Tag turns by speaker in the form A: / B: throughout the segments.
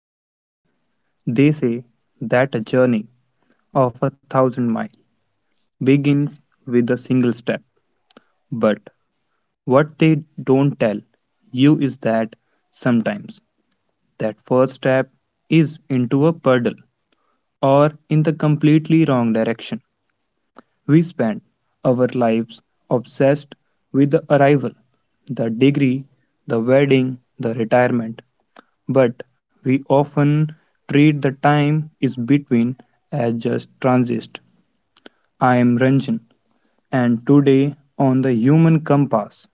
A: Hello everyone. They say that a journey of a thousand miles begins with a single step. But what they don't tell you is that sometimes that first step is into a puddle or in the completely wrong direction. We spend our lives obsessed with the arrival, the degree, the wedding, the retirement, but we often treat the time is between as just transist. I am Ranjan, and today on the Human Compass,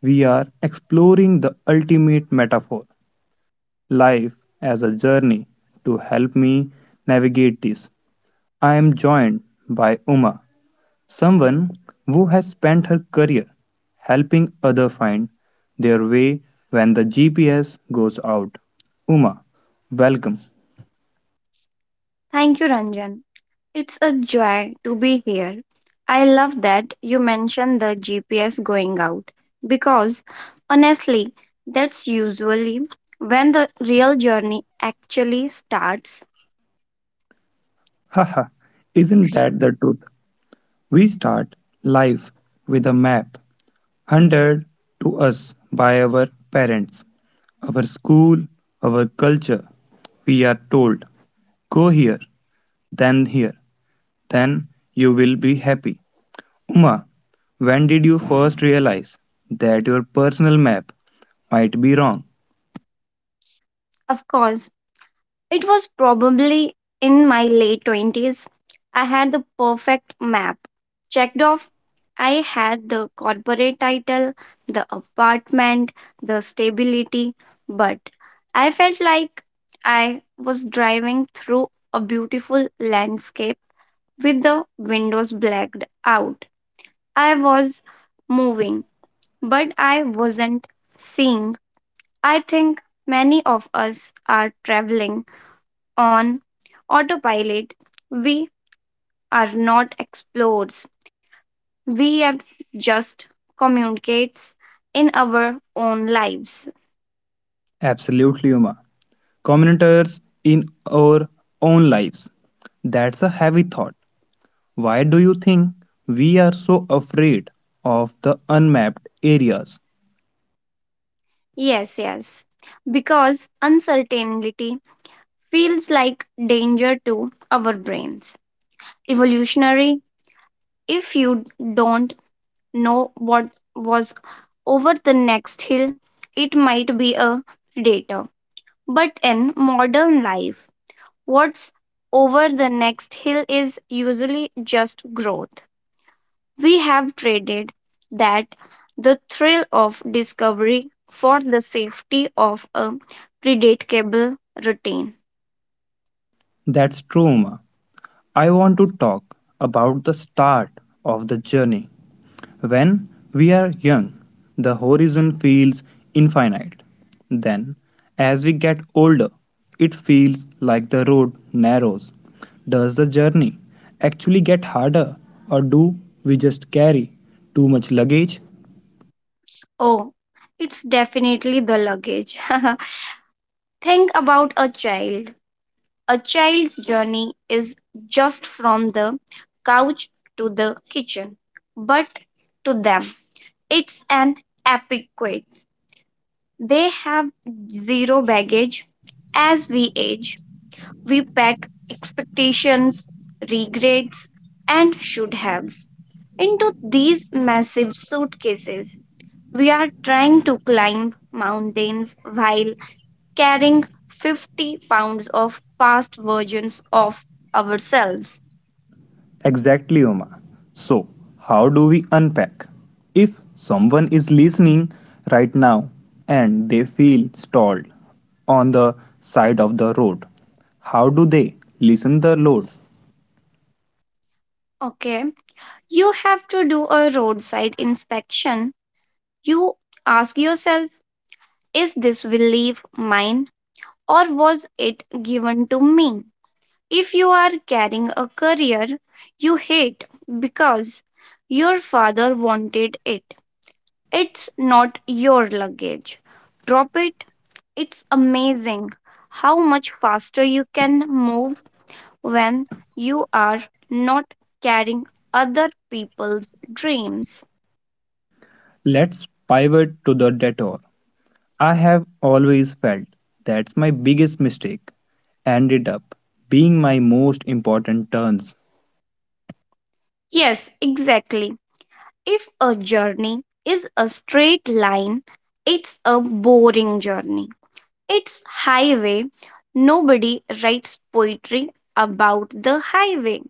A: we are exploring the ultimate metaphor life as a journey. To help me navigate this, I am joined by Uma, someone who has spent her career helping others find their way when the GPS goes out. Uma, welcome.
B: Thank you, Ranjan. It's a joy to be here. I love that you mentioned the GPS going out because honestly, that's usually when the real journey actually starts.
A: Haha, isn't that the truth? We start life with a map handed to us by our parents, our school, our culture. We are told, go here, then you will be happy. Uma, when did you first realize that your personal map might be wrong?
B: Of course, it was probably in my late 20s. I had the perfect map checked off. I had the corporate title, the apartment, the stability, but I felt like I was driving through a beautiful landscape with the windows blacked out. I was moving, but I wasn't seeing. I think many of us are traveling on autopilot. We are not explorers. We are just communicates in our own lives.
A: Absolutely, Uma. Commenters in our own lives. That's a heavy thought. Why do you think we are so afraid of the unmapped areas?
B: Yes, yes. Because uncertainty feels like danger to our brains. Evolutionary, if you don't know what was over the next hill, it might be a predator. But in modern life, what's over the next hill is usually just growth. We have traded that the thrill of discovery for the safety of a predictable routine.
A: That's true, I want to talk about the start of the journey. When we are young, the horizon feels infinite. Then, as we get older, it feels like the road narrows. Does the journey actually get harder, or do we just carry too much luggage?
B: Oh, it's definitely the luggage. Think about a child. A child's journey is just from the couch to the kitchen, but to them, it's an epic quest. They have zero baggage. As we age, we pack expectations, regrets, and should haves into these massive suitcases. We are trying to climb mountains while carrying 50 pounds of past versions of ourselves.
A: Exactly, Uma. So, how do we unpack? If someone is listening right now and they feel stalled on the side of the road, how do they listen the load?
B: Okay, you have to do a roadside inspection. You ask yourself, is this will leave mine or was it given to me? If you are carrying a career you hate because your father wanted it, it's not your luggage. Drop it. It's amazing how much faster you can move when you are not carrying other people's dreams.
A: Let's pivot to the detour. I have always felt that's my biggest mistake ended up being my most important turns.
B: Yes, exactly. If a journey is a straight line, it's a boring journey. It's highway. Nobody writes poetry about the highway.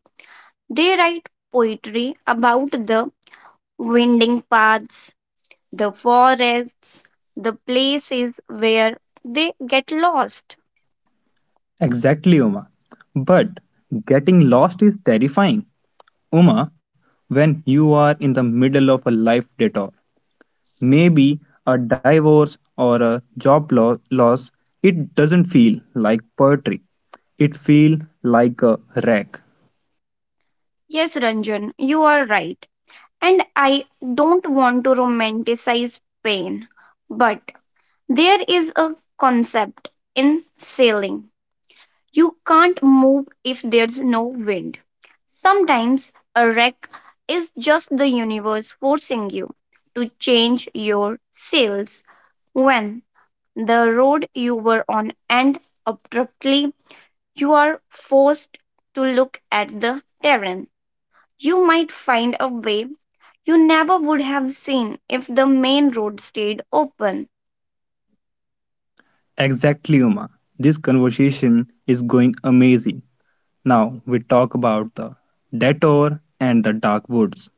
B: They write poetry about the winding paths, the forests, the places where they get lost.
A: Exactly, Uma. But getting lost is terrifying. Uma, when you are in the middle of a life detour, maybe a divorce or a job loss, it doesn't feel like poetry. It feels like a wreck.
B: Yes, Ranjan, you are right. And I don't want to romanticize pain, but there is a concept in sailing. You can't move if there's no wind. Sometimes a wreck is just the universe forcing you to change your sails. When the road you were on ends abruptly, you are forced to look at the terrain. You might find a way you never would have seen if the main road stayed open.
A: Exactly, Uma. This conversation is going amazing. Now we talk about the detour and the dark woods.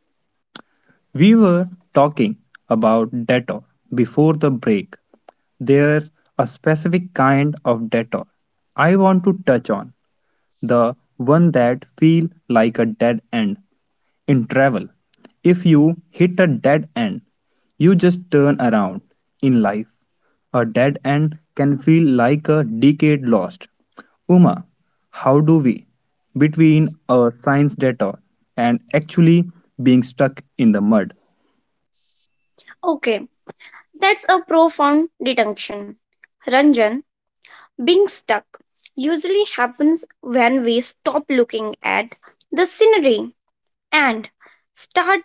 A: We were talking about detour before the break. There's a specific kind of detour I want to touch on the one that feel like a dead end in travel. If you hit a dead end, you just turn around in life. A dead end can feel like a decade lost. Uma, how do we between a science data and actually being stuck in the mud?
B: Okay, that's a profound deduction. Ranjan, being stuck usually happens when we stop looking at the scenery and start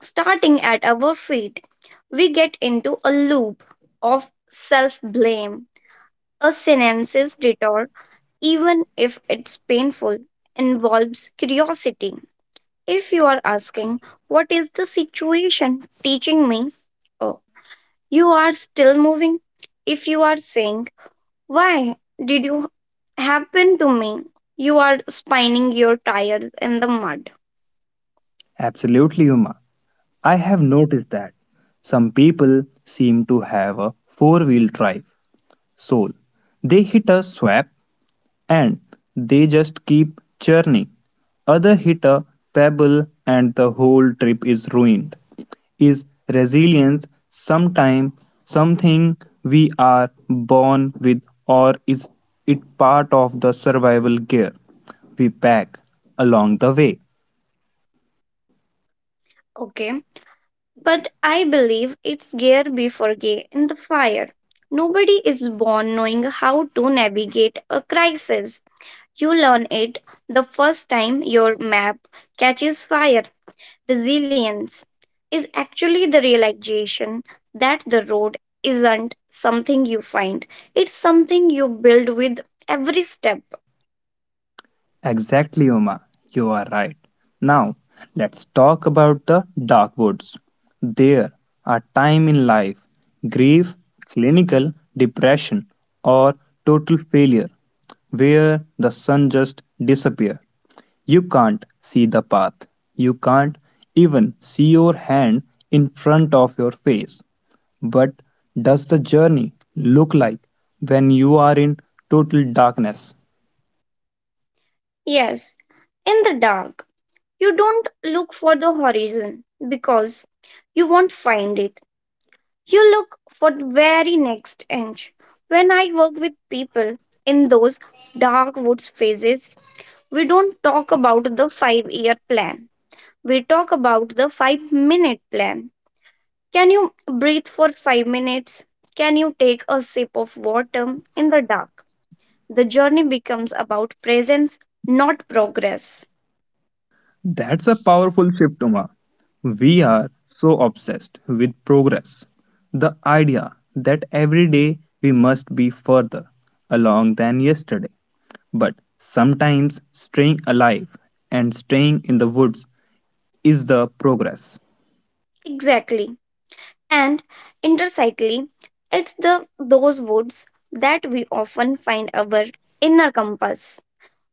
B: starting at our feet. We get into a loop of self blame. A sentence's detour, even if it's painful, involves curiosity. If you are asking, what is the situation teaching me? Oh, you are still moving. If you are saying, why did you happen to me? You are spinning your tires in the mud.
A: Absolutely, Uma. I have noticed that some people seem to have a four-wheel drive soul. They hit a swap and they just keep churning. Other hit a pebble and the whole trip is ruined. Is resilience sometime something we are born with or is it part of the survival gear we pack along the way?
B: Okay. But I believe it's gear before gear in the fire. Nobody is born knowing how to navigate a crisis. You learn it the first time your map catches fire. Resilience is actually the realization that the road isn't something you find, it's something you build with every step.
A: Exactly, Oma. You are right. Now, let's talk about the dark woods. There are time in life, grief, clinical depression, or total failure, where the sun just disappears. You can't see the path. You can't even see your hand in front of your face. But does the journey look like when you are in total darkness?
B: Yes, in the dark, you don't look for the horizon because you won't find it. You look for the very next inch. When I work with people in those dark woods phases, we don't talk about the 5 year plan. We talk about the 5 minute plan. Can you breathe for 5 minutes? Can you take a sip of water in the dark? The journey becomes about presence, not progress.
A: That's a powerful shift, Uma. We are so obsessed with progress, the idea that every day we must be further along than yesterday. But sometimes staying alive and staying in the woods is the progress.
B: Exactly. And intrinsically, it's the those woods that we often find our inner compass.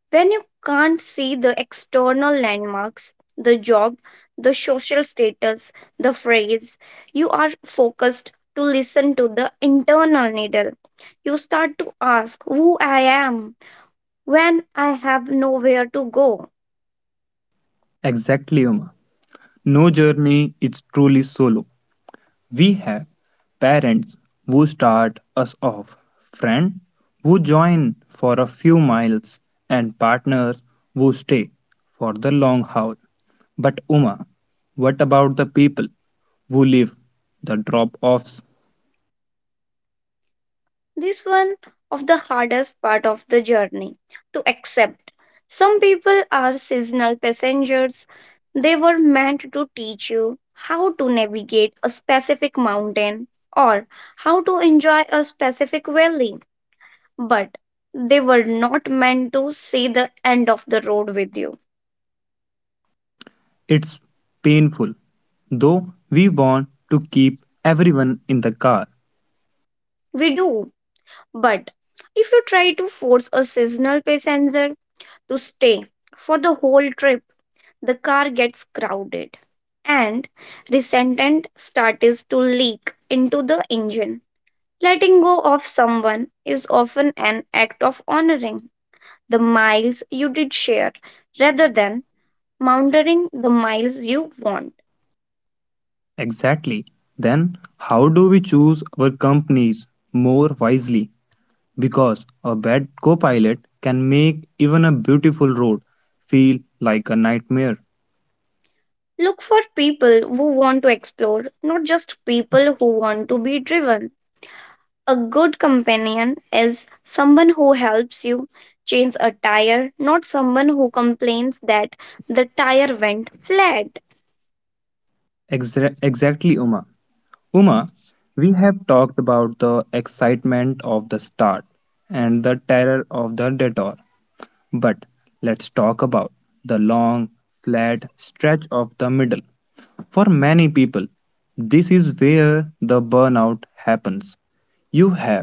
B: When you can't see the external landmarks, the job, the social status, the phrase, you are focused to listen to the internal needle. You start to ask who I am when I have nowhere to go.
A: Exactly, Uma. No journey is truly solo. We have parents who start us off, friends who join for a few miles, and partners who stay for the long haul. But, Uma, what about the people who live the drop offs?
B: This one of the hardest part of the journey to accept. Some people are seasonal passengers. They were meant to teach you how to navigate a specific mountain or how to enjoy a specific valley, but they were not meant to see the end of the road with you.
A: It's painful, though we want to keep everyone in the car.
B: We do, but if you try to force a seasonal passenger to stay for the whole trip, the car gets crowded and resentment starts to leak into the engine. Letting go of someone is often an act of honoring the miles you did share rather than mounting the miles you want.
A: Exactly. Then, how do we choose our companies more wisely? Because a bad co-pilot can make even a beautiful road feel like a nightmare.
B: Look for people who want to explore, not just people who want to be driven. A good companion is someone who helps you change a tire, not someone who complains that the tire went flat.
A: Exactly, Uma. Uma, we have talked about the excitement of the start and the terror of the detour, but let's talk about the long, flat stretch of the middle. For many people, this is where the burnout happens. You have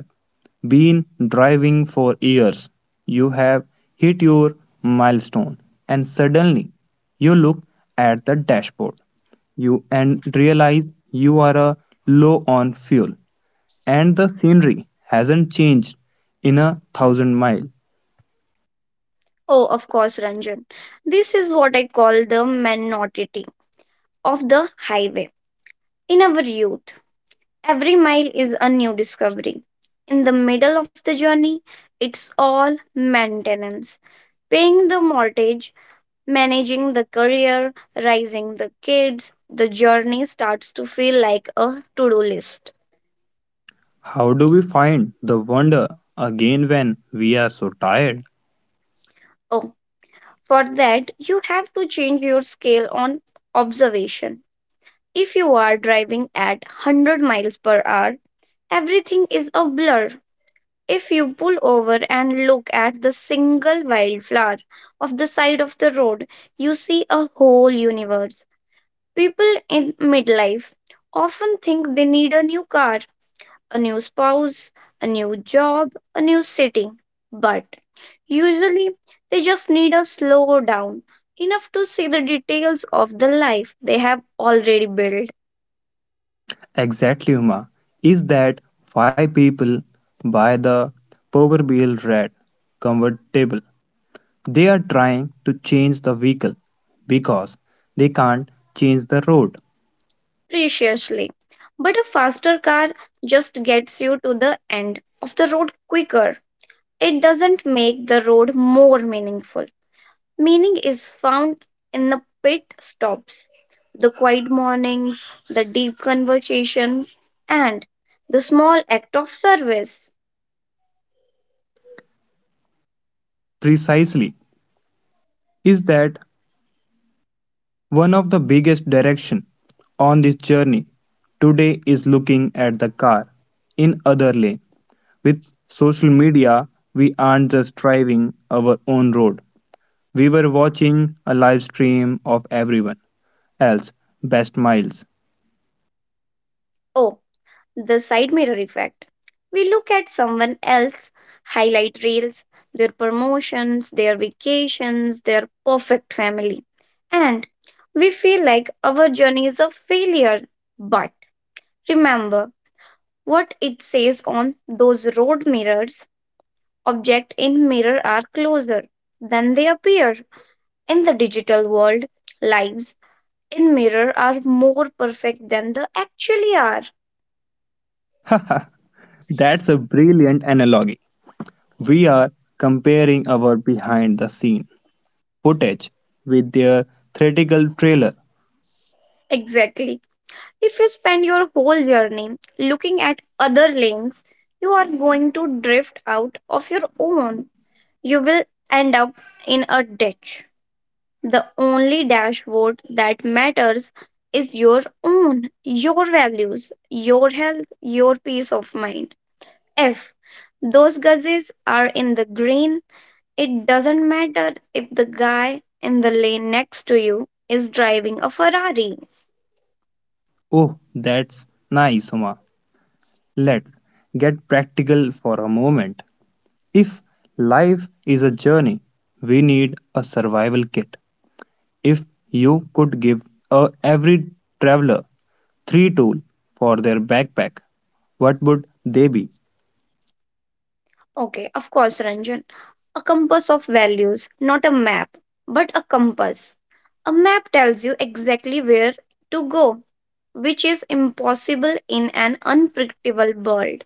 A: been driving for years, you have hit your milestone, and suddenly you look at the dashboard you and realize you are low on fuel and the scenery hasn't changed in a thousand miles.
B: Oh, of course, Ranjan. This is what I call the monotony of the highway. In our youth, every mile is a new discovery. In the middle of the journey, it's all maintenance, paying the mortgage, managing the career, raising the kids, the journey starts to feel like a to do list.
A: How do we find the wonder again when we are so tired?
B: Oh, for that, you have to change your scale on observation. If you are driving at 100 miles per hour, everything is a blur. If you pull over and look at the single wildflower of the side of the road, you see a whole universe. People in midlife often think they need a new car, a new spouse, a new job, a new city. But usually they just need a slow down enough to see the details of the life they have already built
A: Exactly, Uma. Is that why people buy the proverbial red convertible? They are trying to change the vehicle because they can't change the road.
B: preciously. But a faster car just gets you to the end of the road quicker. It doesn't make the road more meaningful. Meaning is found in the pit stops, the quiet mornings, the deep conversations, and the small act of service.
A: Precisely. Is that one of the biggest direction on this journey today is looking at the car in other lane. With social media, we aren't just driving our own road. We were watching a live stream of everyone else best miles.
B: Oh, the side mirror effect. We look at someone else, highlight reels, their promotions, their vacations, their perfect family, and we feel like our journey is a failure. But remember what it says on those road mirrors: objects in mirror are closer than they appear. In the digital world, lives in mirror are more perfect than they actually are.
A: That's a brilliant analogy. We are comparing our behind the scene footage with their theatrical trailer.
B: Exactly. If you spend your whole journey looking at other lanes, you are going to drift out of your own. You will end up in a ditch. The only dashboard that matters is your own, your values, your health, your peace of mind. If those guzzies are in the green, it doesn't matter if the guy in the lane next to you is driving a Ferrari.
A: Oh, that's nice, Uma. Let's get practical for a moment. If life is a journey, we need a survival kit. If you could give a every traveler three tools for their backpack, what would they be?
B: Okay, of course, Ranjan. A compass of values, not a map, but a compass. A map tells you exactly where to go, which is impossible in an unpredictable world.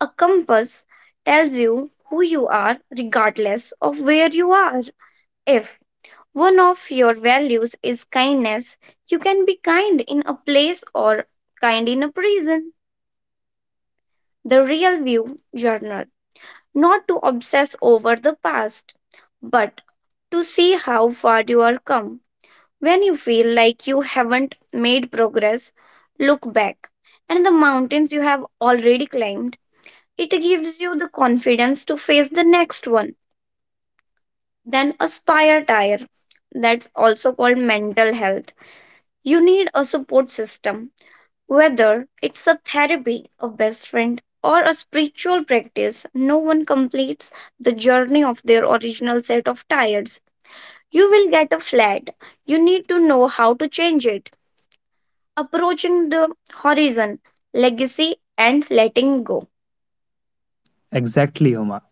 B: A compass tells you who you are regardless of where you are. If one of your values is kindness. You can be kind in a place or kind in a prison. The Real View Journal. Not to obsess over the past, but to see how far you are come. When you feel like you haven't made progress, look back and the mountains you have already climbed. It gives you the confidence to face the next one. Then aspire tire. That's also called mental health. You need a support system. Whether it's a therapy, a best friend, or a spiritual practice, no one completes the journey of their original set of tires. You will get a flat. You need to know how to change it. Approaching the horizon, legacy, and letting go.
A: Exactly, Huma.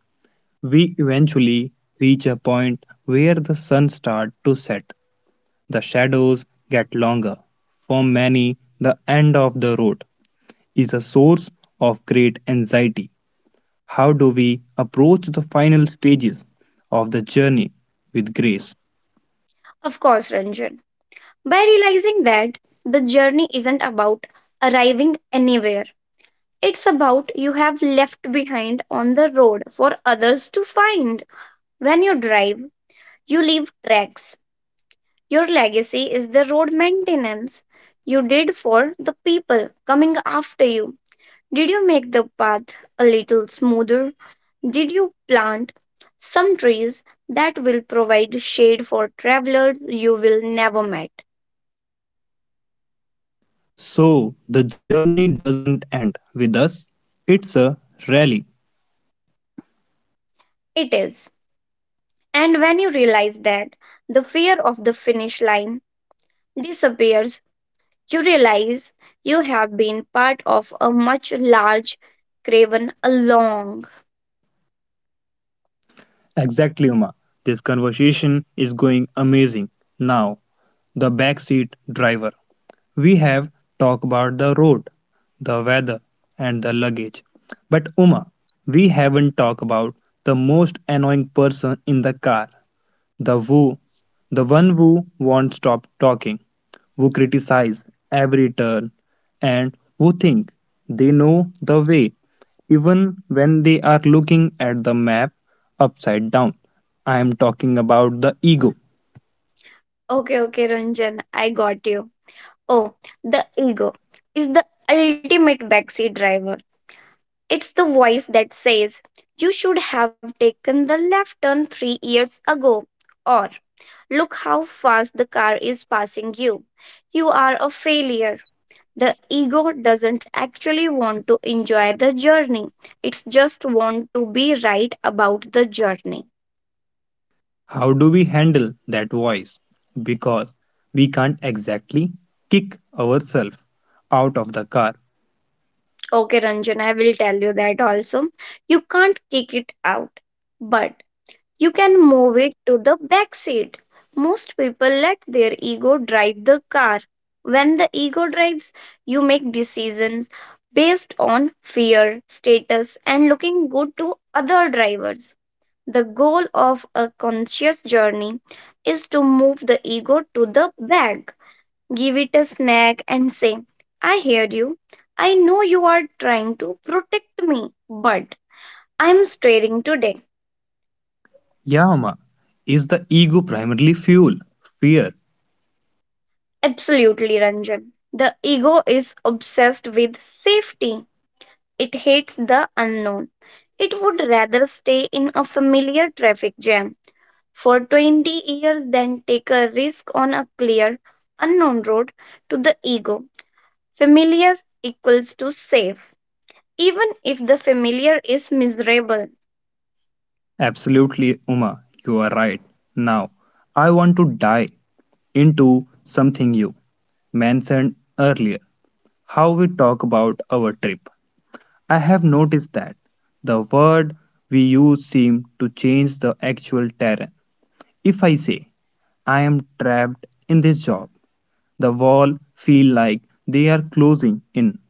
A: We eventually reach a point where the sun starts to set. The shadows get longer. For many, the end of the road is a source of great anxiety. How do we approach the final stages of the journey with grace?
B: Of course, Ranjan. By realizing that the journey isn't about arriving anywhere, it's about you have left behind on the road for others to find. When you drive, you leave tracks. Your legacy is the road maintenance you did for the people coming after you. Did you make the path a little smoother? Did you plant some trees that will provide shade for travelers you will never met?
A: So the journey doesn't end with us, it's a rally.
B: It is. And when you realize that, the fear of the finish line disappears. You realize you have been part of a much large craven a long.
A: Exactly, Uma. This conversation is going amazing. Now, the backseat driver. We have talked about the road, the weather, and the luggage. But, Uma, we haven't talked about the most annoying person in the car. The Wu, the one who won't stop talking, who criticize every turn, and who think they know the way, even when they are looking at the map upside down. I am talking about the ego.
B: Okay, Ranjan, I got you. Oh, the ego is the ultimate backseat driver. It's the voice that says, you should have taken the left turn 3 years ago, or look how fast the car is passing you. You are a failure. The ego doesn't actually want to enjoy the journey, it's just want to be right about the journey.
A: How do we handle that voice? Because we can't exactly kick ourselves out of the car.
B: Okay, Ranjan, I will tell you that also. You can't kick it out. But you can move it to the back seat. Most people let their ego drive the car. When the ego drives, you make decisions based on fear, status, and looking good to other drivers. The goal of a conscious journey is to move the ego to the back. Give it a snack and say, I hear you. I know you are trying to protect me, but I'm staring today.
A: Yama, is the ego primarily fuel, fear?
B: Absolutely, Ranjan. The ego is obsessed with safety. It hates the unknown. It would rather stay in a familiar traffic jam for 20 years than take a risk on a clear, unknown road to the ego. Familiar equals to safe, even if the familiar is miserable.
A: Absolutely, Uma, you are right. Now, I want to dive into something you mentioned earlier how we talk about our trip. I have noticed that the word we use seem to change the actual terrain. If I say, I am trapped in this job, the wall feel like they are closing in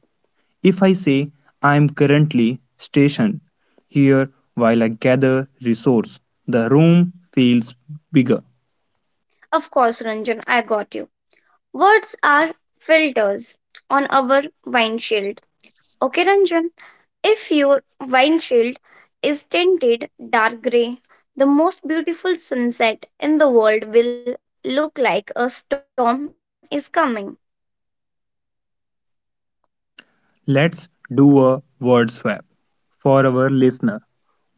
A: if I say I am currently stationed here while I gather resource, the room feels bigger.
B: Of course, Ranjan, I got you. Words are filters on our windshield. Okay, Ranjan? If your windshield is tinted dark gray, the most beautiful sunset in the world will look like a storm is coming.
A: Let's do a word swap. For our listener,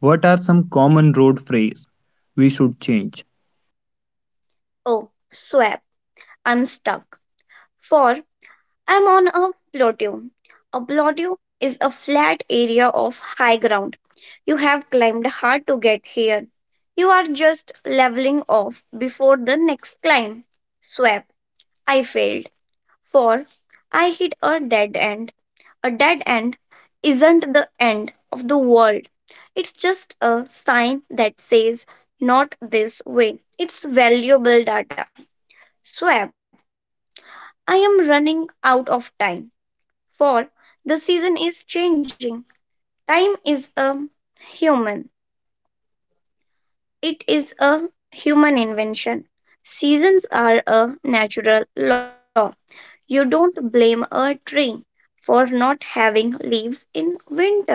A: what are some common road phrases we should change?
B: Oh, swap, I'm stuck. For I'm on a plateau. A plateau is a flat area of high ground. You have climbed hard to get here. You are just leveling off before the next climb. Swap, I failed. For I hit a dead end. A dead end isn't the end of the world. It's just a sign that says not this way. It's valuable data. Swab, I am running out of time for the season is changing. Time is a human. It is a human invention. Seasons are a natural law. You don't blame a tree for not having leaves in winter.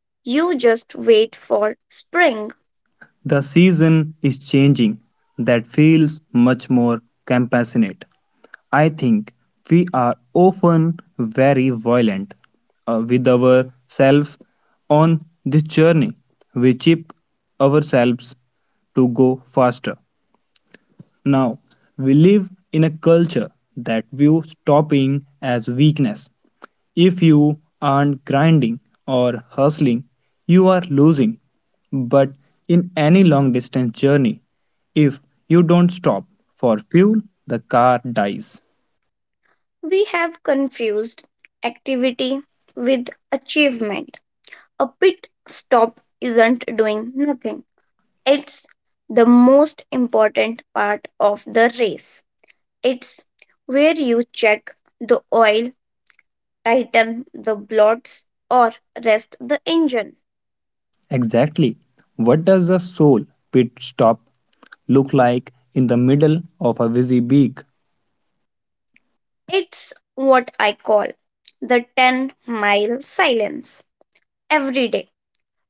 B: You just wait for spring.
A: The season is changing. That feels much more compassionate. I think we are often very violent with ourselves on this journey. We chip ourselves to go faster. Now, we live in a culture that views stopping as weakness. If you aren't grinding or hustling, you are losing. But in any long distance journey, if you don't stop for fuel, the car dies.
B: We have confused activity with achievement. A pit stop isn't doing nothing, it's the most important part of the race. It's where you check the oil, tighten the bolts, or rest the engine.
A: Exactly. What does a soul pit stop look like in the middle of a busy week?
B: It's what I call the 10-mile silence every day.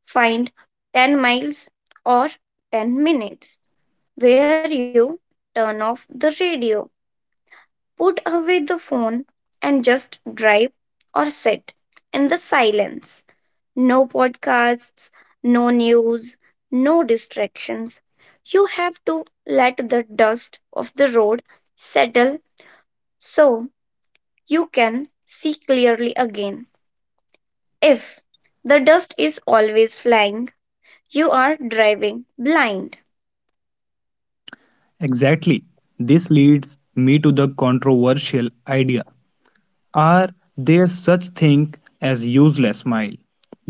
B: Find 10 miles or 10 minutes where you turn off the radio, put away the phone, and just drive or sit in the silence. No podcasts, no news, no distractions. You have to let the dust of the road settle so you can see clearly again. If the dust is always flying, you are driving blind.
A: Exactly. This leads me to the controversial idea. Are there such thing as useless smile?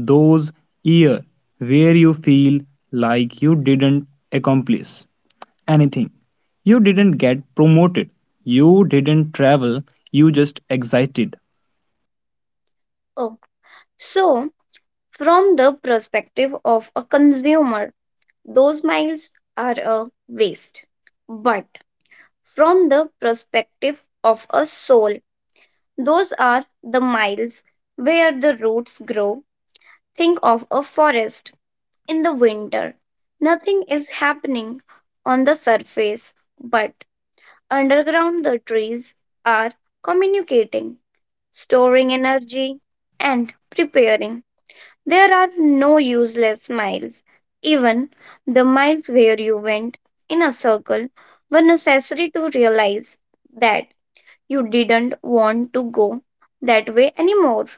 A: Those year where you feel like you didn't accomplish anything. You didn't get promoted. You didn't travel. You just excited.
B: Oh, so, from the perspective of a consumer, those miles are a waste. But from the perspective of a soul, those are the miles where the roots grow. Think of a forest in the winter. Nothing is happening on the surface, but underground the trees are communicating, storing energy, and preparing. There are no useless miles. Even the miles where you went in a circle were necessary to realize that you didn't want to go that way anymore.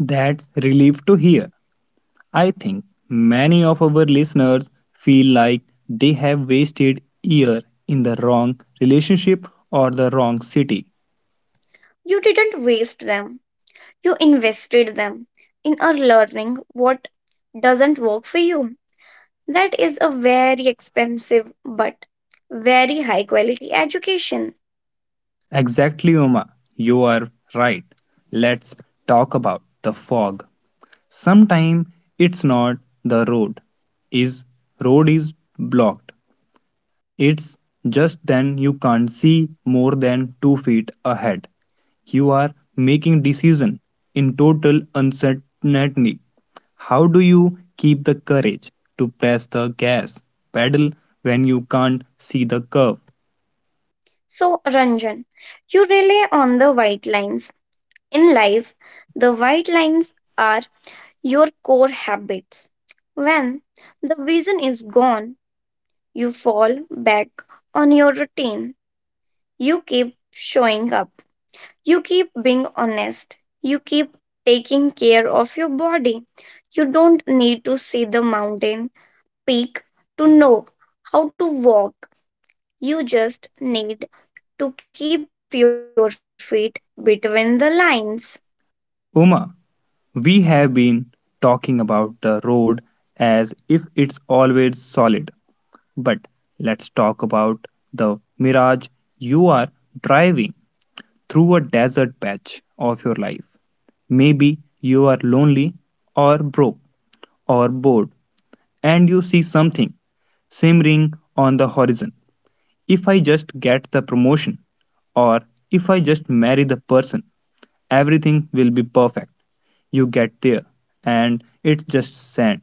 A: That's relief to hear. I think many of our listeners feel like they have wasted year in the wrong relationship or the wrong city.
B: You didn't waste them, you invested them in a learning what doesn't work for you. That is a very expensive but very high quality education.
A: Exactly, Uma. You are right. Let's talk about the fog. Sometimes it's not the is road is blocked. It's just then you can't see more than 2 feet ahead. You are making decision in total uncertainty. How do you keep the courage to press the gas pedal when you can't see the curve?
B: So, Ranjan, you rely on the white lines. In life, the white lines are your core habits. When the vision is gone, you fall back on your routine. You keep showing up. You keep being honest. You keep taking care of your body. You don't need to see the mountain peak to know how to walk. You just need to keep your feet between the lines.
A: Uma, we have been talking about the road as if it's always solid, but let's talk about the mirage you are driving through a desert patch of your life. Maybe you are lonely or broke or bored and you see something simmering on the horizon. If I just get the promotion or if I just marry the person, everything will be perfect. You get there and it's just sand.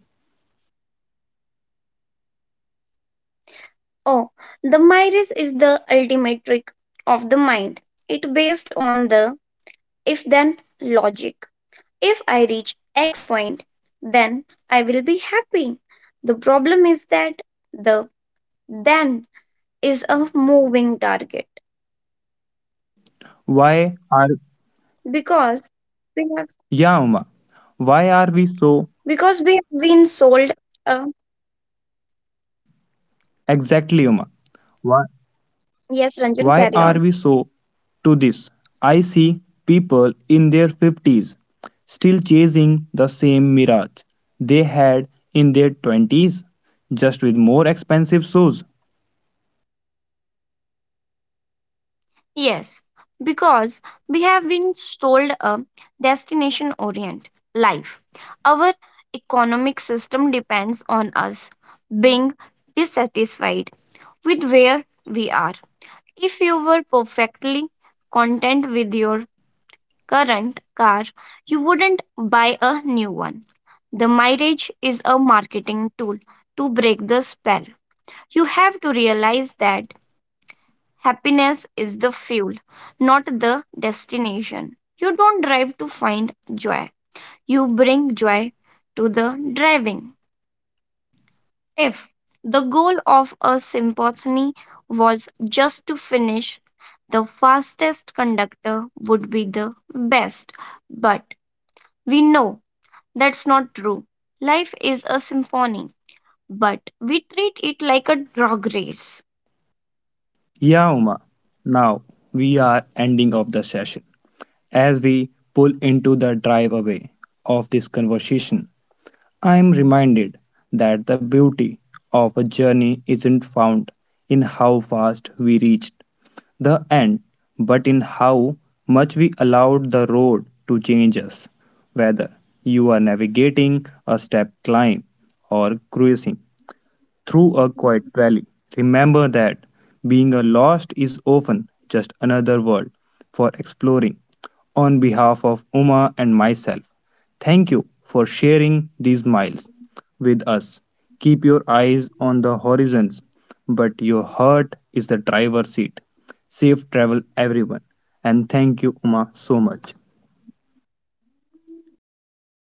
B: Oh, the Myris is the ultimate trick of the mind. It based on the if then logic. If I reach X point, then I will be happy. The problem is that the then is a moving target
A: Why are
B: because we have
A: yeah Uma? Why are we so
B: because we have been sold a
A: exactly Uma? Why
B: yes Ranjan carry
A: Why
B: on.
A: are we so to this? I see people in their 50s still chasing the same mirage they had in their 20s, just with more expensive shoes.
B: Yes, because we have been sold a destination orient life. Our economic system depends on us being dissatisfied with where we are. If you were perfectly content with your current car, you wouldn't buy a new one. The mileage is a marketing tool to break the spell. You have to realize that happiness is the fuel, not the destination. You don't drive to find joy, you bring joy to the driving. If the goal of a symphony was just to finish, the fastest conductor would be the best. But we know that's not true. Life is a symphony, but we treat it like a drag race.
A: Yeah, Uma. Now we are ending of the session. As we pull into the drive away of this conversation, I am reminded that the beauty of a journey isn't found in how fast we reached the end, but in how much we allowed the road to change us, whether you are navigating a steep climb or cruising through a quiet valley. Remember that being a lost is often just another world for exploring. On behalf of Uma and myself, thank you for sharing these miles with us. Keep your eyes on the horizons, but your heart is the driver's seat. Safe travel, everyone, and thank you, Uma, so much.